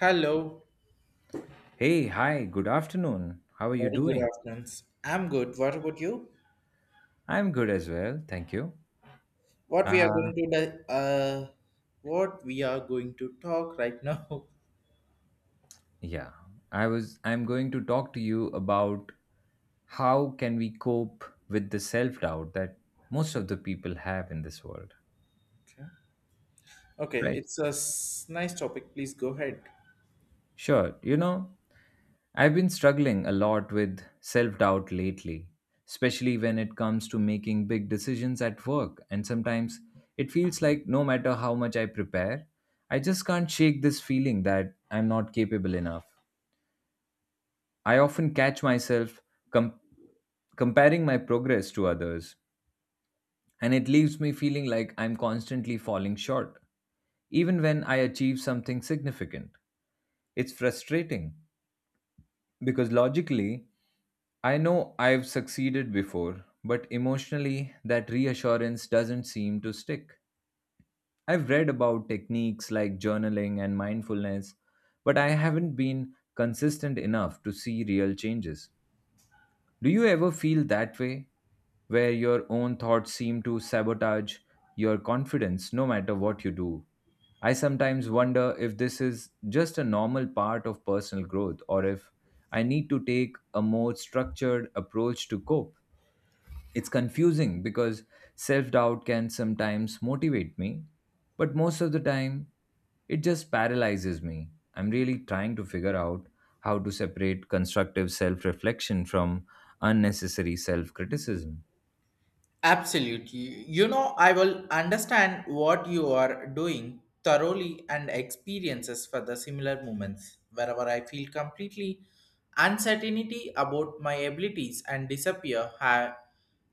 Hello, Hey, hi, good afternoon. How are you very good doing? afternoon. I'm good. What about you? I'm good as well, thank you. What we are going Uh, to di- uh, what we are going to talk right now? yeah, I'm going to talk to you about how can we cope with the self-doubt that most of the people have in this world, Okay, right? it's a nice topic. Please go ahead. Sure, you know, I've been struggling a lot with self-doubt lately, especially when it comes to making big decisions at work, and sometimes it feels like no matter how much I prepare, I just can't shake this feeling that I'm not capable enough. I often catch myself com- comparing my progress to others, and it leaves me feeling like I'm constantly falling short, even when I achieve something significant. It's frustrating because logically, I know I've succeeded before, but emotionally, that reassurance doesn't seem to stick. I've read about techniques like journaling and mindfulness, but I haven't been consistent enough to see real changes. Do you ever feel that way, where your own thoughts seem to sabotage your confidence no matter what you do? I sometimes wonder if this is just a normal part of personal growth or if I need to take a more structured approach to cope. It's confusing because self doubt can sometimes motivate me, but most of the time it just paralyzes me. I'm really trying to figure out how to separate constructive self reflection from unnecessary self criticism. Absolutely. You know, I will understand what you are doing thoroughly and experiences for the similar moments wherever I feel completely uncertainty about my abilities and disappear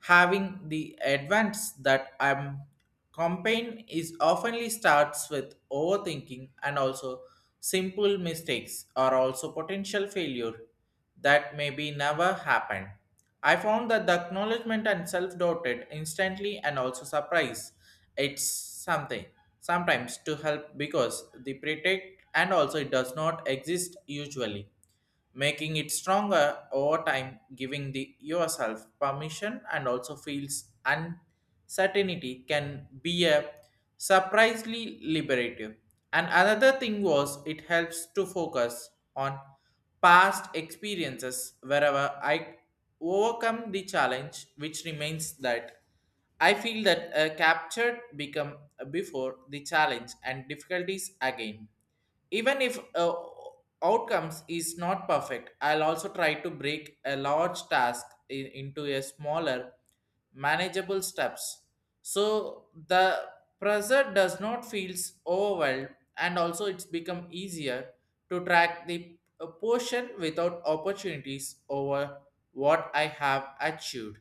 having the advance that I'm campaign is oftenly starts with overthinking and also simple mistakes are also potential failure that may be never happened. I found that the acknowledgement and self-doubted instantly and also surprise. It's something sometimes to help because the predict and also it does not exist usually making it stronger over time, giving the yourself permission and also feels uncertainty can be a surprisingly liberative. And another thing was it helps to focus on past experiences wherever I overcome the challenge, which remains that I feel that captured become before the challenge and difficulties again even if outcomes is not perfect. I'll also try to break a large task into a smaller manageable steps, so the pressure does not feels overwhelmed and also it's become easier to track the portion without opportunities over what I have achieved.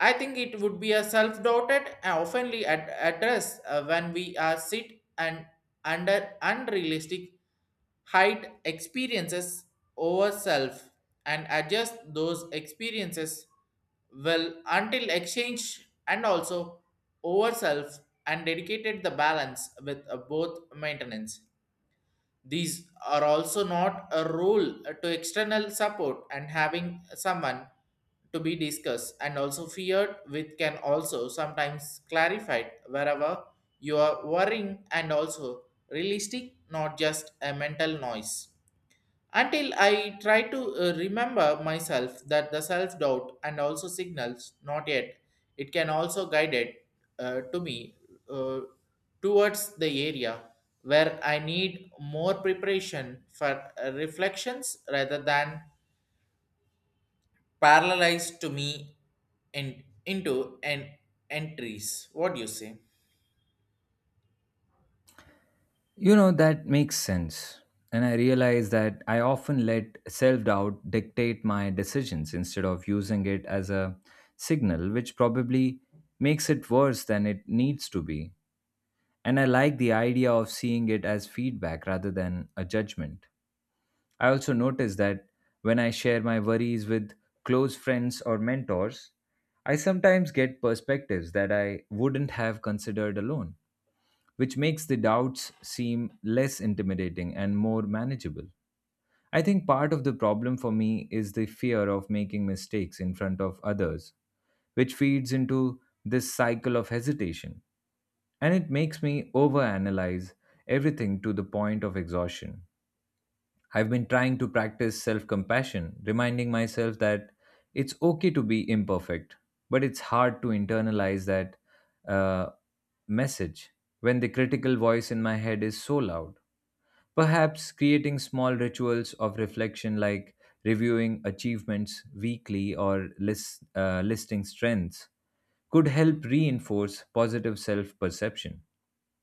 I think it would be a self-doubted and oftenly address when we are sit and under unrealistic height experiences over self and adjust those experiences well until exchange and also over self and dedicated the balance with both maintenance. These are also not a rule to external support, and having someone to be discussed and also feared with can also sometimes clarified wherever you are worrying and also realistic, not just a mental noise. Until I try to remember myself that the self doubt and also signals not yet. It can also guide it to me uh, towards the area where I need more preparation for reflections rather than paralyzed to me into an entries. What do you say? You know, that makes sense. And I realize that I often let self doubt dictate my decisions instead of using it as a signal, which probably makes it worse than it needs to be. And I like the idea of seeing it as feedback rather than a judgment. I also notice that when I share my worries with close friends or mentors, I sometimes get perspectives that I wouldn't have considered alone, which makes the doubts seem less intimidating and more manageable. I think part of the problem for me is the fear of making mistakes in front of others, which feeds into this cycle of hesitation. And it makes me overanalyze everything to the point of exhaustion. I've been trying to practice self compassion, reminding myself that it's okay to be imperfect, but it's hard to internalize that uh, message when the critical voice in my head is so loud. Perhaps creating small rituals of reflection like reviewing achievements weekly or listing strengths could help reinforce positive self perception.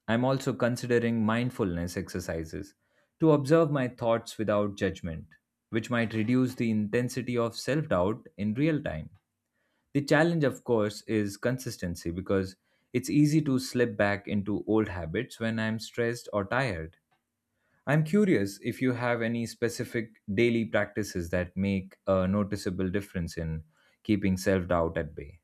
I'm also considering mindfulness exercises to observe my thoughts without judgment, which might reduce the intensity of self doubt in real time. The challenge, of course, is consistency because it's easy to slip back into old habits when I'm stressed or tired. I'm curious if you have any specific daily practices that make a noticeable difference in keeping self doubt at bay.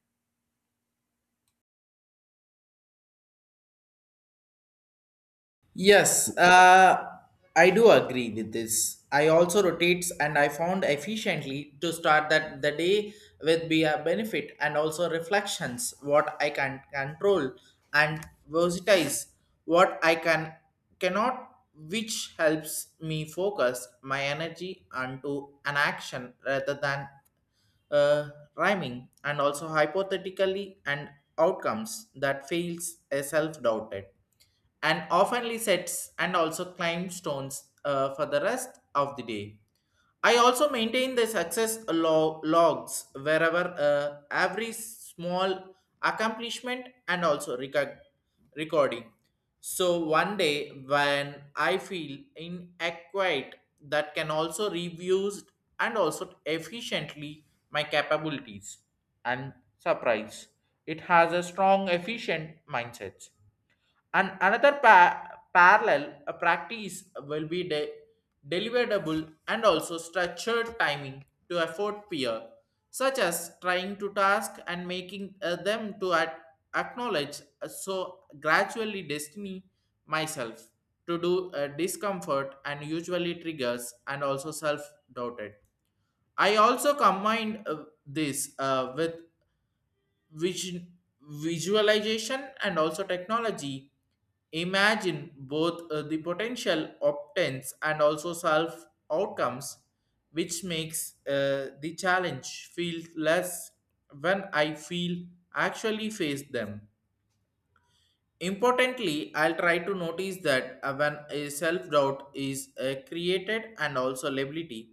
Yes, I do agree with this. I also rotates and I found efficiently to start that the day with be a benefit and also reflections what I can control and versatize what I can cannot, which helps me focus my energy onto an action rather than uh, rhyming and also hypothetically and outcomes that feels a self-doubted and oftenly sets and also climbs stones for the rest of the day. I also maintain the success logs wherever every small accomplishment and also recording. So one day when I feel inadequate, that can also reviews and also efficiently my capabilities and surprise. It has a strong efficient mindset. And another parallel practice will be deliverable and also structured timing to afford peer, such as trying to task and making them to acknowledge so gradually destiny myself to do discomfort and usually triggers and also self doubted. I also combined this with vision, visualization and also technology imagine both the potential optants and also self outcomes, which makes the challenge feel less when I feel actually face them. Importantly, I'll try to notice that when a self doubt is created and also liability,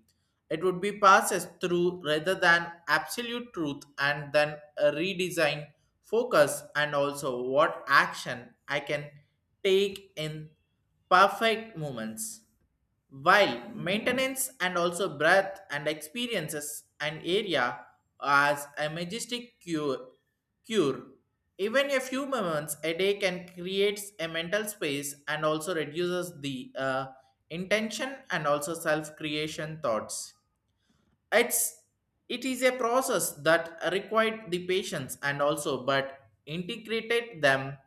it would be passed through rather than absolute truth, and then a redesign focus and also what action I can take in perfect moments. While maintenance and also breath and experiences an area as a majestic cure. Even a few moments a day can create a mental space and also reduces the intention and also self creation thoughts. it's it is a process that required the patience and also, but integrated them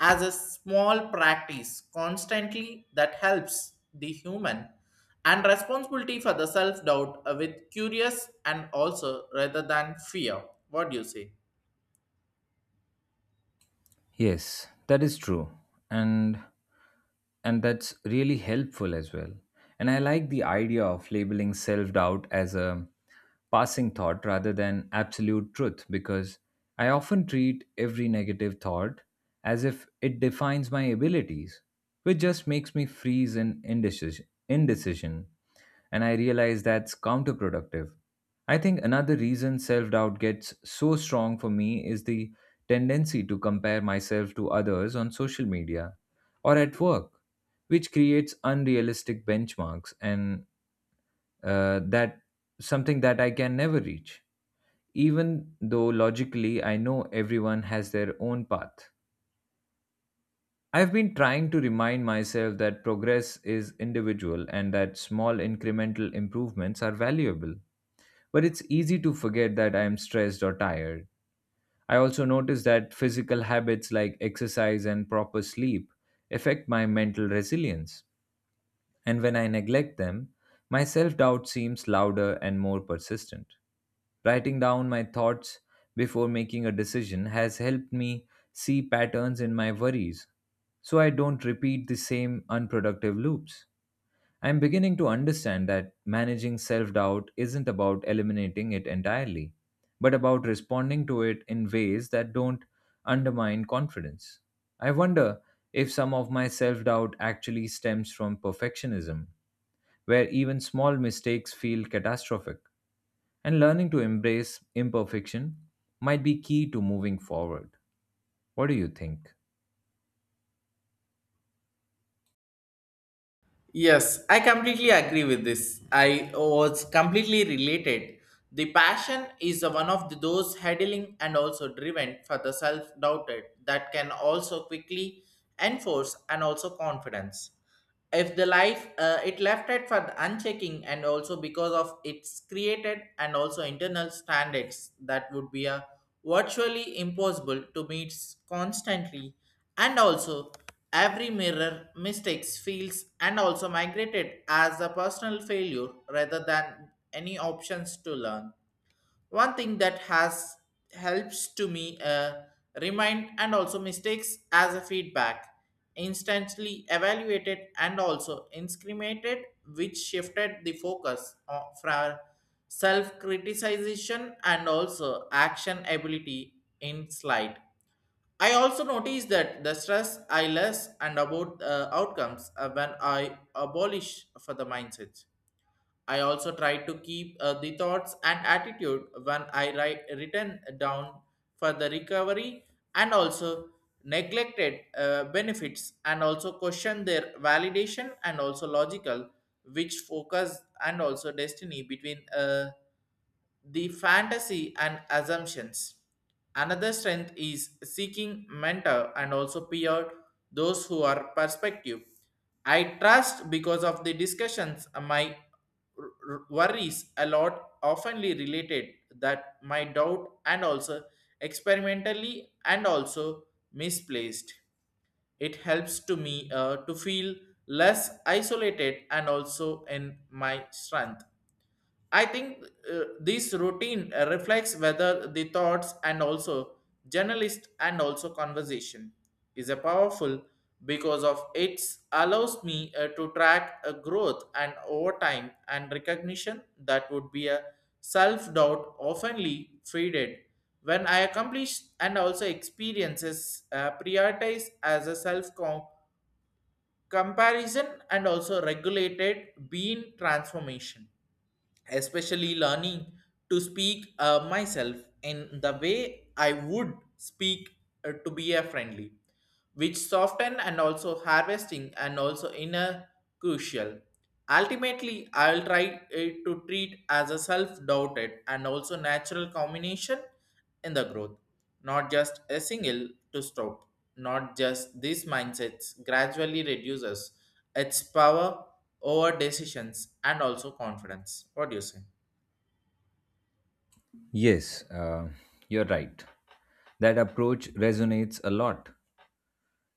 as a small practice constantly that helps the human and responsibility for the self doubt with curious and also rather than fear. What do you say? Yes, that is true. And and that's really helpful as well, and I like the idea of labeling self doubt as a passing thought rather than absolute truth because I often treat every negative thought as if it defines my abilities, which just makes me freeze in indecision. And I realize that's counterproductive. I think another reason self doubt gets so strong for me is the tendency to compare myself to others on social media or at work, which creates unrealistic benchmarks and that something that I can never reach, even though logically I know everyone has their own path. I've been trying to remind myself that progress is individual and that small incremental improvements are valuable. But it's easy to forget that I am stressed or tired. I also notice that physical habits like exercise and proper sleep affect my mental resilience. And when I neglect them, my self doubt seems louder and more persistent. Writing down my thoughts before making a decision has helped me see patterns in my worries so I don't repeat the same unproductive loops. I'm beginning to understand that managing self doubt isn't about eliminating it entirely, but about responding to it in ways that don't undermine confidence. I wonder if some of my self doubt actually stems from perfectionism where even small mistakes feel catastrophic. And learning to embrace imperfection might be key to moving forward. What do you think? Yes, I completely agree with this. I was completely related. The passion is one of the, those headling and also driven for the self doubted that can also quickly enforce and also confidence. If the life it left it for the unchecking and also because of its created and also internal standards that would be a virtually impossible to meet constantly and also every mirror mistakes feels and also migrated as a personal failure rather than any options to learn. One thing that has helps to me remind and also mistakes as a feedback, instantly evaluated and also incriminated, which shifted the focus from self-criticization and also action ability in slide. I also notice that the stress I less and about outcomes when I abolish for the mindset. I also try to keep the thoughts and attitude when I write written down for the recovery and also neglected benefits and also question their validation and also logical, which focus and also destiny between the fantasy and assumptions. Another strength is seeking mentor and also peer, those who are perspective. I trust because of the discussions my worries a lot oftenly related that my doubt and also experimentally and also misplaced. It helps to me to feel less isolated and also in my strength. I think this routine reflects whether the thoughts and also journalist and also conversation is a powerful because of it allows me to track a growth and over time and recognition that would be a self doubt oftenly faded when I accomplish and also experiences prioritize as a self comparison and also regulated being transformation, especially learning to speak myself in the way I would speak to be a friendly, which soften and also harvesting and also inner crucial. Ultimately, I'll try to treat as a self-doubted and also natural combination in the growth, not just a single to stop. Not just these mindsets gradually reduces its power over decisions and also confidence. What do you say? Yes, you're right. That approach resonates a lot,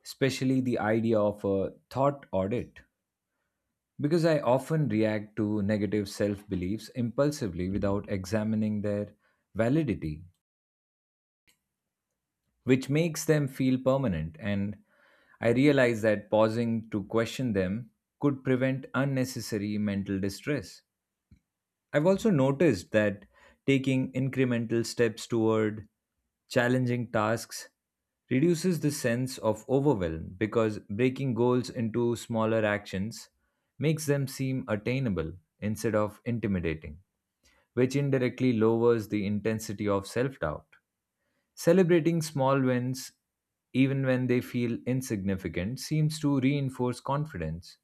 especially the idea of a thought audit, because I often react to negative self beliefs impulsively without examining their validity, which makes them feel permanent. And I realized that pausing to question them could prevent unnecessary mental distress. I've also noticed that taking incremental steps toward challenging tasks reduces the sense of overwhelm because breaking goals into smaller actions makes them seem attainable instead of intimidating, which indirectly lowers the intensity of self doubt. Celebrating small wins, even when they feel insignificant, seems to reinforce confidence,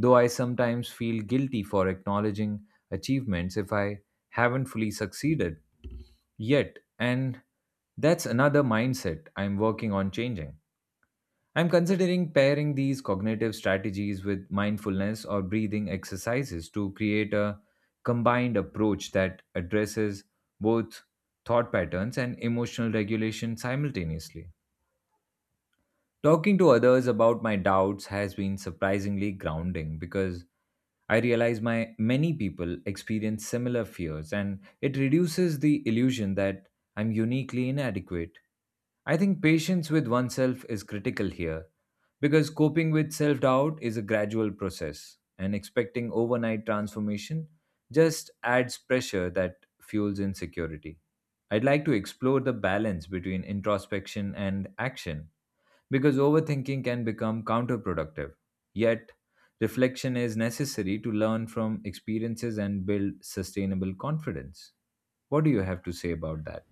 though I sometimes feel guilty for acknowledging achievements if I haven't fully succeeded yet. And that's another mindset I'm working on changing. I'm considering pairing these cognitive strategies with mindfulness or breathing exercises to create a combined approach that addresses both thought patterns and emotional regulation simultaneously. Talking to others about my doubts has been surprisingly grounding because I realize my many people experience similar fears and it reduces the illusion that I'm uniquely inadequate. I think patience with oneself is critical here because coping with self doubt is a gradual process and expecting overnight transformation just adds pressure that fuels insecurity. I'd like to explore the balance between introspection and action because overthinking can become counterproductive. Yet, reflection is necessary to learn from experiences and build sustainable confidence. What do you have to say about that?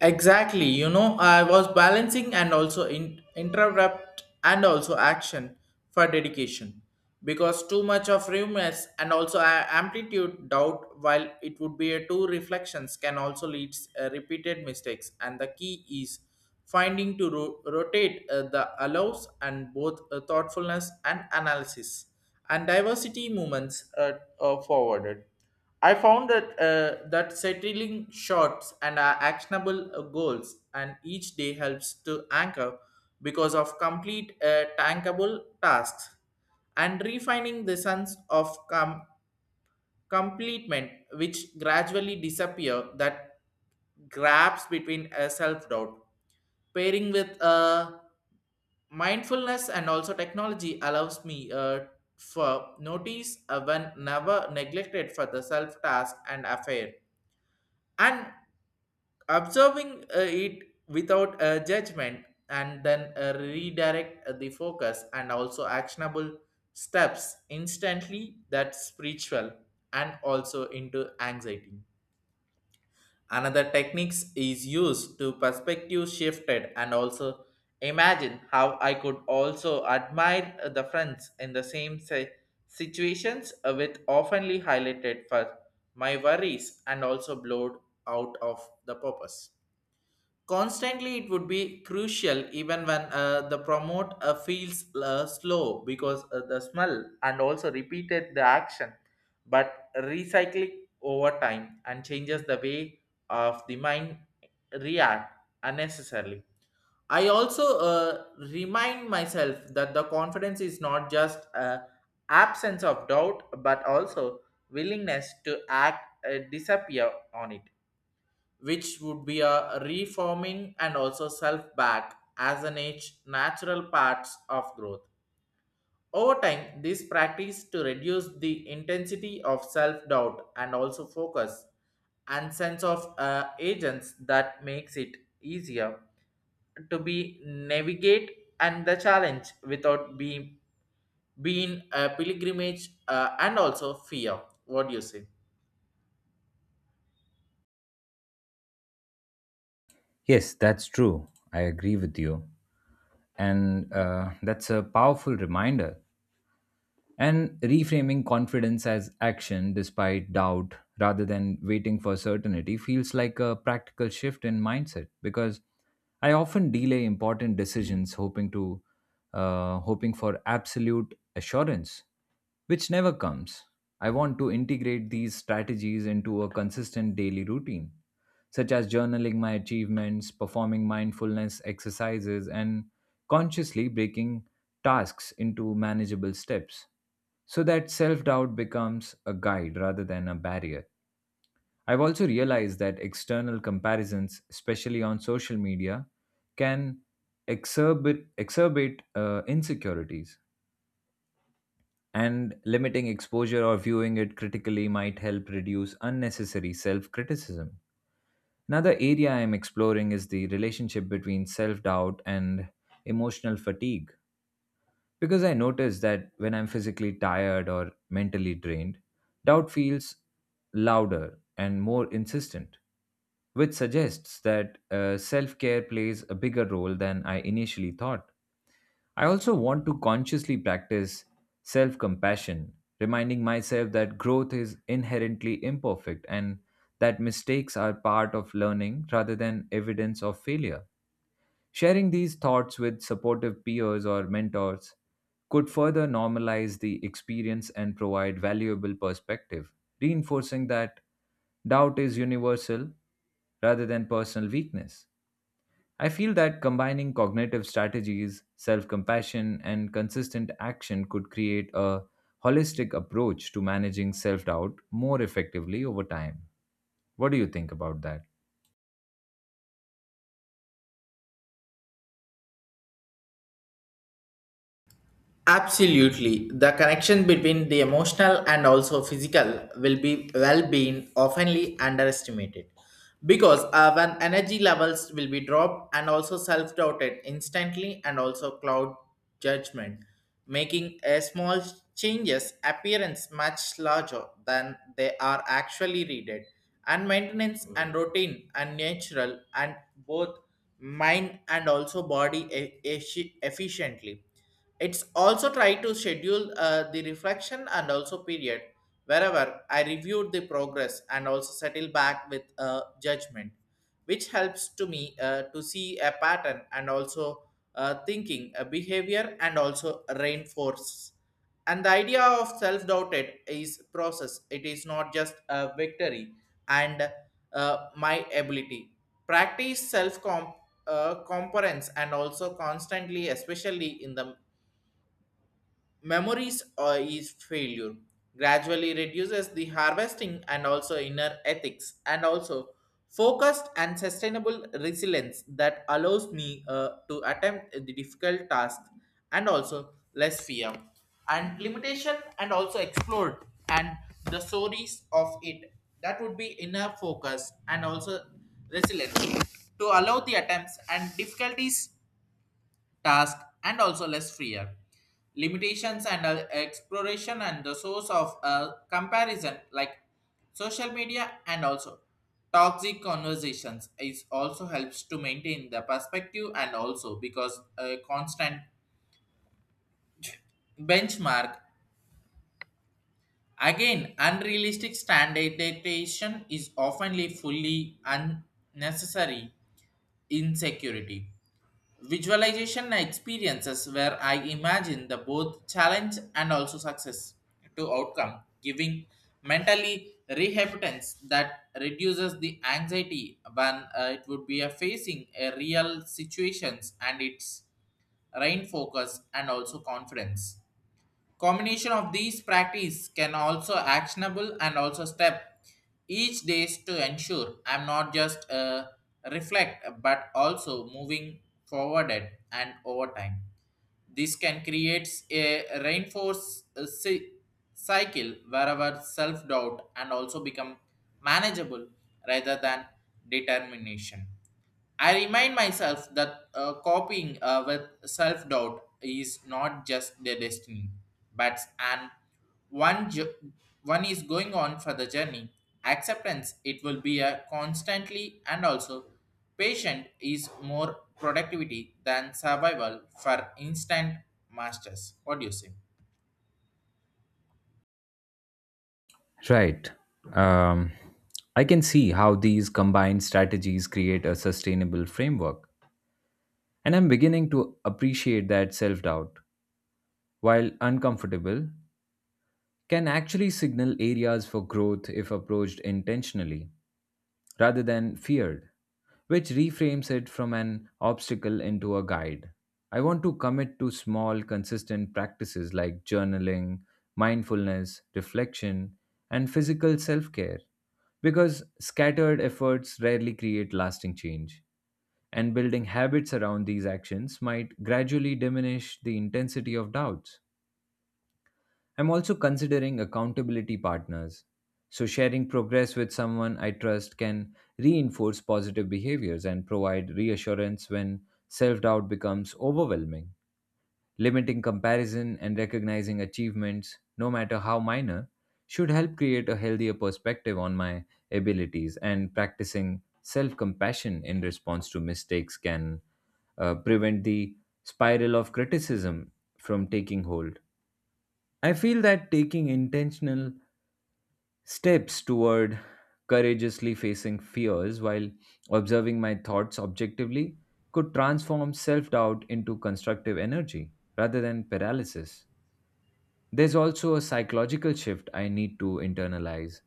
Exactly. You know, I was balancing and also interrupt and also action for dedication because too much of rumors and also amplitude doubt while it would be a two reflections can also lead repeated mistakes, and the key is finding to rotate the allows and both thoughtfulness and analysis and diversity movements are forwarded. I found that settling shots and our actionable goals and each day helps to anchor because of complete tankable tasks and refining the sense of completement, which gradually disappear that grabs between a self-doubt pairing with mindfulness and also technology allows me for notice when never neglected for the self task and affair, and observing it without judgment and then redirect the focus and also actionable steps instantly that's spiritual and also into anxiety. Another techniques is used to perspective shifted and also imagine how I could also admire the friends in the same situations with oftenly highlighted for my worries and also blowed out of the purpose constantly. It would be crucial even when the promote feels slow because the smell and also repeated the action, but recycling over time and changes the way of the mind react unnecessarily. I also remind myself that the confidence is not just absence of doubt, but also willingness to act disappear on it, which would be a reforming and also self back as an age natural parts of growth. Over time, this practice to reduce the intensity of self doubt and also focus and sense of agents that makes it easier to be navigate and the challenge without being a pilgrimage and also fear. What do you say? Yes, that's true. I agree with you. And that's a powerful reminder, and reframing confidence as action despite doubt rather than waiting for certainty feels like a practical shift in mindset because I often delay important decisions hoping for absolute assurance which never comes. I want to integrate these strategies into a consistent daily routine, such as journaling my achievements, performing mindfulness exercises, and consciously breaking tasks into manageable steps so that self doubt becomes a guide rather than a barrier. I've also realized that external comparisons, especially on social media, can exacerbate insecurities, and limiting exposure or viewing it critically might help reduce unnecessary self criticism. Another area I'm exploring is the relationship between self doubt and emotional fatigue, because I notice that when I'm physically tired or mentally drained, doubt feels louder and more insistent, which suggests that self care plays a bigger role than I initially thought. I also want to consciously practice self compassion, reminding myself that growth is inherently imperfect and that mistakes are part of learning rather than evidence of failure. Sharing these thoughts with supportive peers or mentors could further normalize the experience and provide valuable perspective, reinforcing that doubt is universal rather than personal weakness. I feel that combining cognitive strategies, self compassion, and consistent action could create a holistic approach to managing self doubt more effectively over time. What do you think about that? Absolutely. The connection between the emotional and also physical will be well-being oftenly underestimated because when energy levels will be dropped and also self-doubted instantly and also cloud judgment, making a small changes appearance much larger than they are actually readed. And maintenance and routine and natural and both mind and also body efficiently, it's also try to schedule the reflection and also period wherever I reviewed the progress and also settle back with a judgment, which helps to me to see a pattern and also thinking, a behavior, and also reinforce. And the idea of self-doubted is process. It is not just a victory and my ability. Practice self-comp Components and also constantly, especially in the memories or is failure gradually reduces the harvesting and also inner ethics and also focused and sustainable resilience that allows me to attempt the difficult task and also less fear and limitation and also explored and the stories of it that would be inner focus and also resilience to allow the attempts and difficulties task and also less freer limitations and exploration and the source of comparison like social media and also toxic conversations is also helps to maintain the perspective and also because a constant benchmark again unrealistic standardization is often fully unnecessary insecurity. Visualization experiences where I imagine the both challenge and also success to outcome, giving mentally rehabilitance that reduces the anxiety when it would be a facing a real situations and its rain focus and also confidence. Combination of these practice can also actionable and also step each days to ensure I'm not just reflect but also moving forwarded and over time. This can create a reinforce cycle wherever self doubt and also become manageable rather than determination. I remind myself that coping with self doubt is not just the destiny, but an one jo- one is going on for the journey. Acceptance it will be a constantly and also patient is more productivity than survival for instant masters. What do you say? Right. Um, I can see how these combined strategies create a sustainable framework. And I'm beginning to appreciate that self doubt, while uncomfortable, can actually signal areas for growth if approached intentionally rather than feared, which reframes it from an obstacle into a guide. I want to commit to small, consistent practices like journaling, mindfulness, reflection, and physical self care because scattered efforts rarely create lasting change. And building habits around these actions might gradually diminish the intensity of doubts. I'm also considering accountability partners. So, sharing progress with someone I trust can reinforce positive behaviors and provide reassurance when self doubt becomes overwhelming. Limiting comparison and recognizing achievements, no matter how minor, should help create a healthier perspective on my abilities, and practicing self compassion in response to mistakes can prevent the spiral of criticism from taking hold. I feel that taking intentional steps toward courageously facing fears while observing my thoughts objectively could transform self doubt into constructive energy rather than paralysis. There's also a psychological shift I need to internalize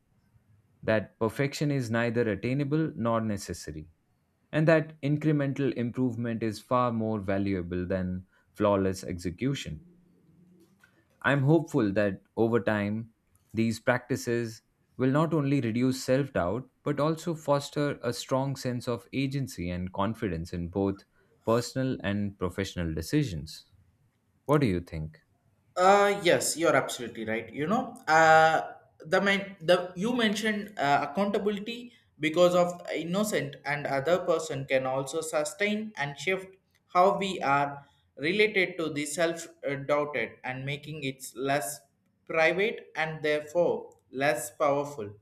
that perfection is neither attainable nor necessary, and that incremental improvement is far more valuable than flawless execution. I am hopeful that over time, these practices will not only reduce self doubt but also foster a strong sense of agency and confidence in both personal and professional decisions. What do you think? Yes, you're absolutely right. You know, the you mentioned accountability because of innocent and other person can also sustain and shift how we are related to the self doubted and making it less private and therefore less powerful,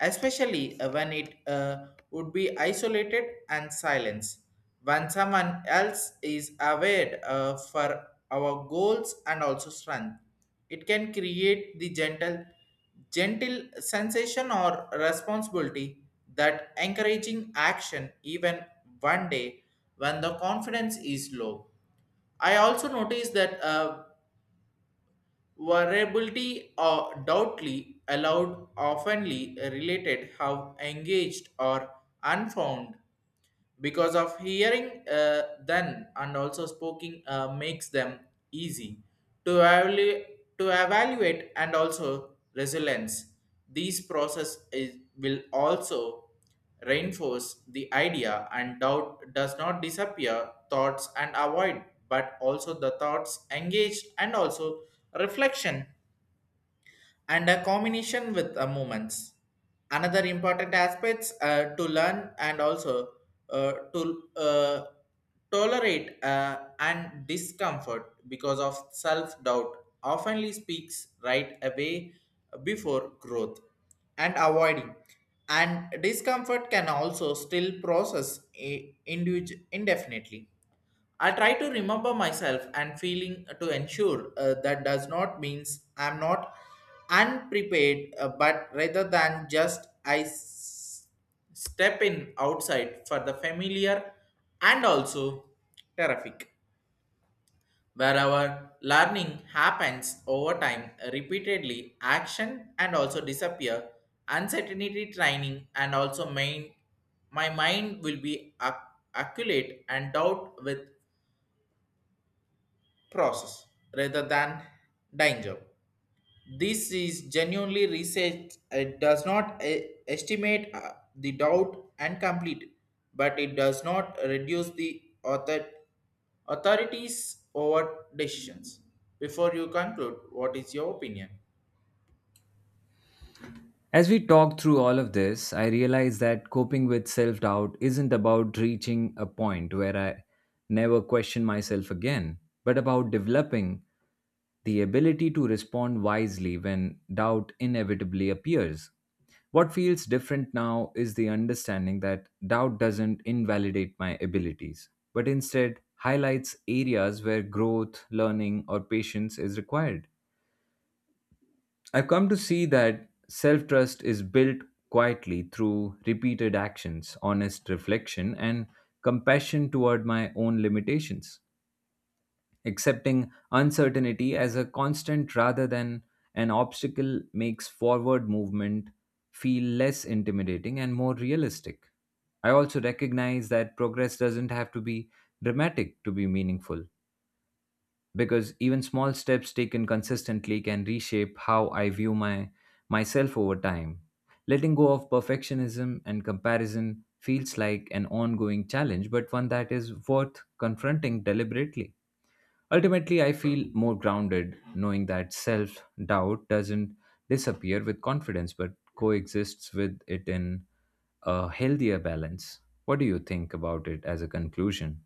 especially when it would be isolated and silenced. When someone else is aware for our goals and also strength, it can create the gentle sensation or responsibility that encouraging action even one day when the confidence is low. I also noticed that variability or doubtly allowed oftenly related how engaged or unfound because of hearing then and also speaking makes them easy to evaluate to evaluate and also resilience these process is, will also reinforce the idea and doubt does not disappear thoughts and avoid but also the thoughts engaged and also reflection and a combination with movements. Another important aspects to learn and also to tolerate and discomfort because of self-doubt oftenly speaks right away before growth and avoiding and discomfort can also still process indefinitely. I try to remember myself and feeling to ensure that does not means I'm not unprepared, but rather than just I step in outside for the familiar and also terrific. Wherever learning happens over time, repeatedly, action and also disappear, uncertainty training and also main, my mind will be acculate and doubt with process rather than danger. This is genuinely research. It does not estimate the doubt and complete, it, but it does not reduce the authorities over decisions. Before you conclude, what is your opinion? As we talk through all of this, I realize that coping with self doubt isn't about reaching a point where I never question myself again, but about developing the ability to respond wisely when doubt inevitably appears. What feels different now is the understanding that doubt doesn't invalidate my abilities, but instead highlights areas where growth, learning, or patience is required. I've come to see that self trust is built quietly through repeated actions, honest reflection, and compassion toward my own limitations. Accepting uncertainty as a constant rather than an obstacle makes forward movement feel less intimidating and more realistic. I also recognize that progress doesn't have to be dramatic to be meaningful because even small steps taken consistently can reshape how I view my myself over time. Letting go of perfectionism and comparison feels like an ongoing challenge, but one that is worth confronting deliberately. Ultimately, I feel more grounded knowing that self doubt doesn't disappear with confidence but coexists with it in a healthier balance. What do you think about it as a conclusion?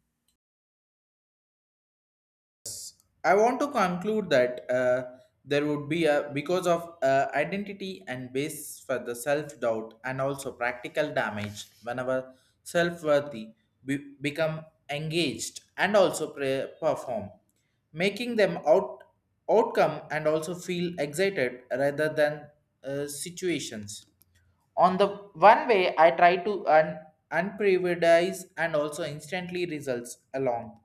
I want to conclude that there would be a because of identity and base for the self doubt and also practical damage whenever self worthy become engaged and also perform, making them out outcome and also feel excited rather than situations on the one way, I try to unprioritize and also instantly results along,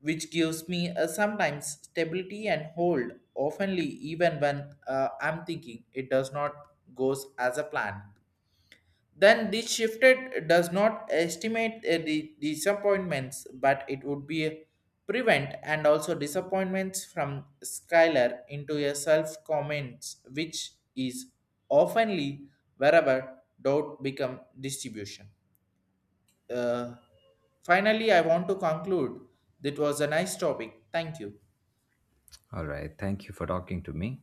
which gives me a sometimes stability and hold, oftenly even when I'm thinking it does not goes as a plan. Then this shifted does not estimate the disappointments, but it would be a prevent and also disappointments from Skylar into a self comments, which is oftenly wherever doubt become distribution. Uh, Finally, I want to conclude. That was a nice topic. Thank you. All right, thank you for talking to me.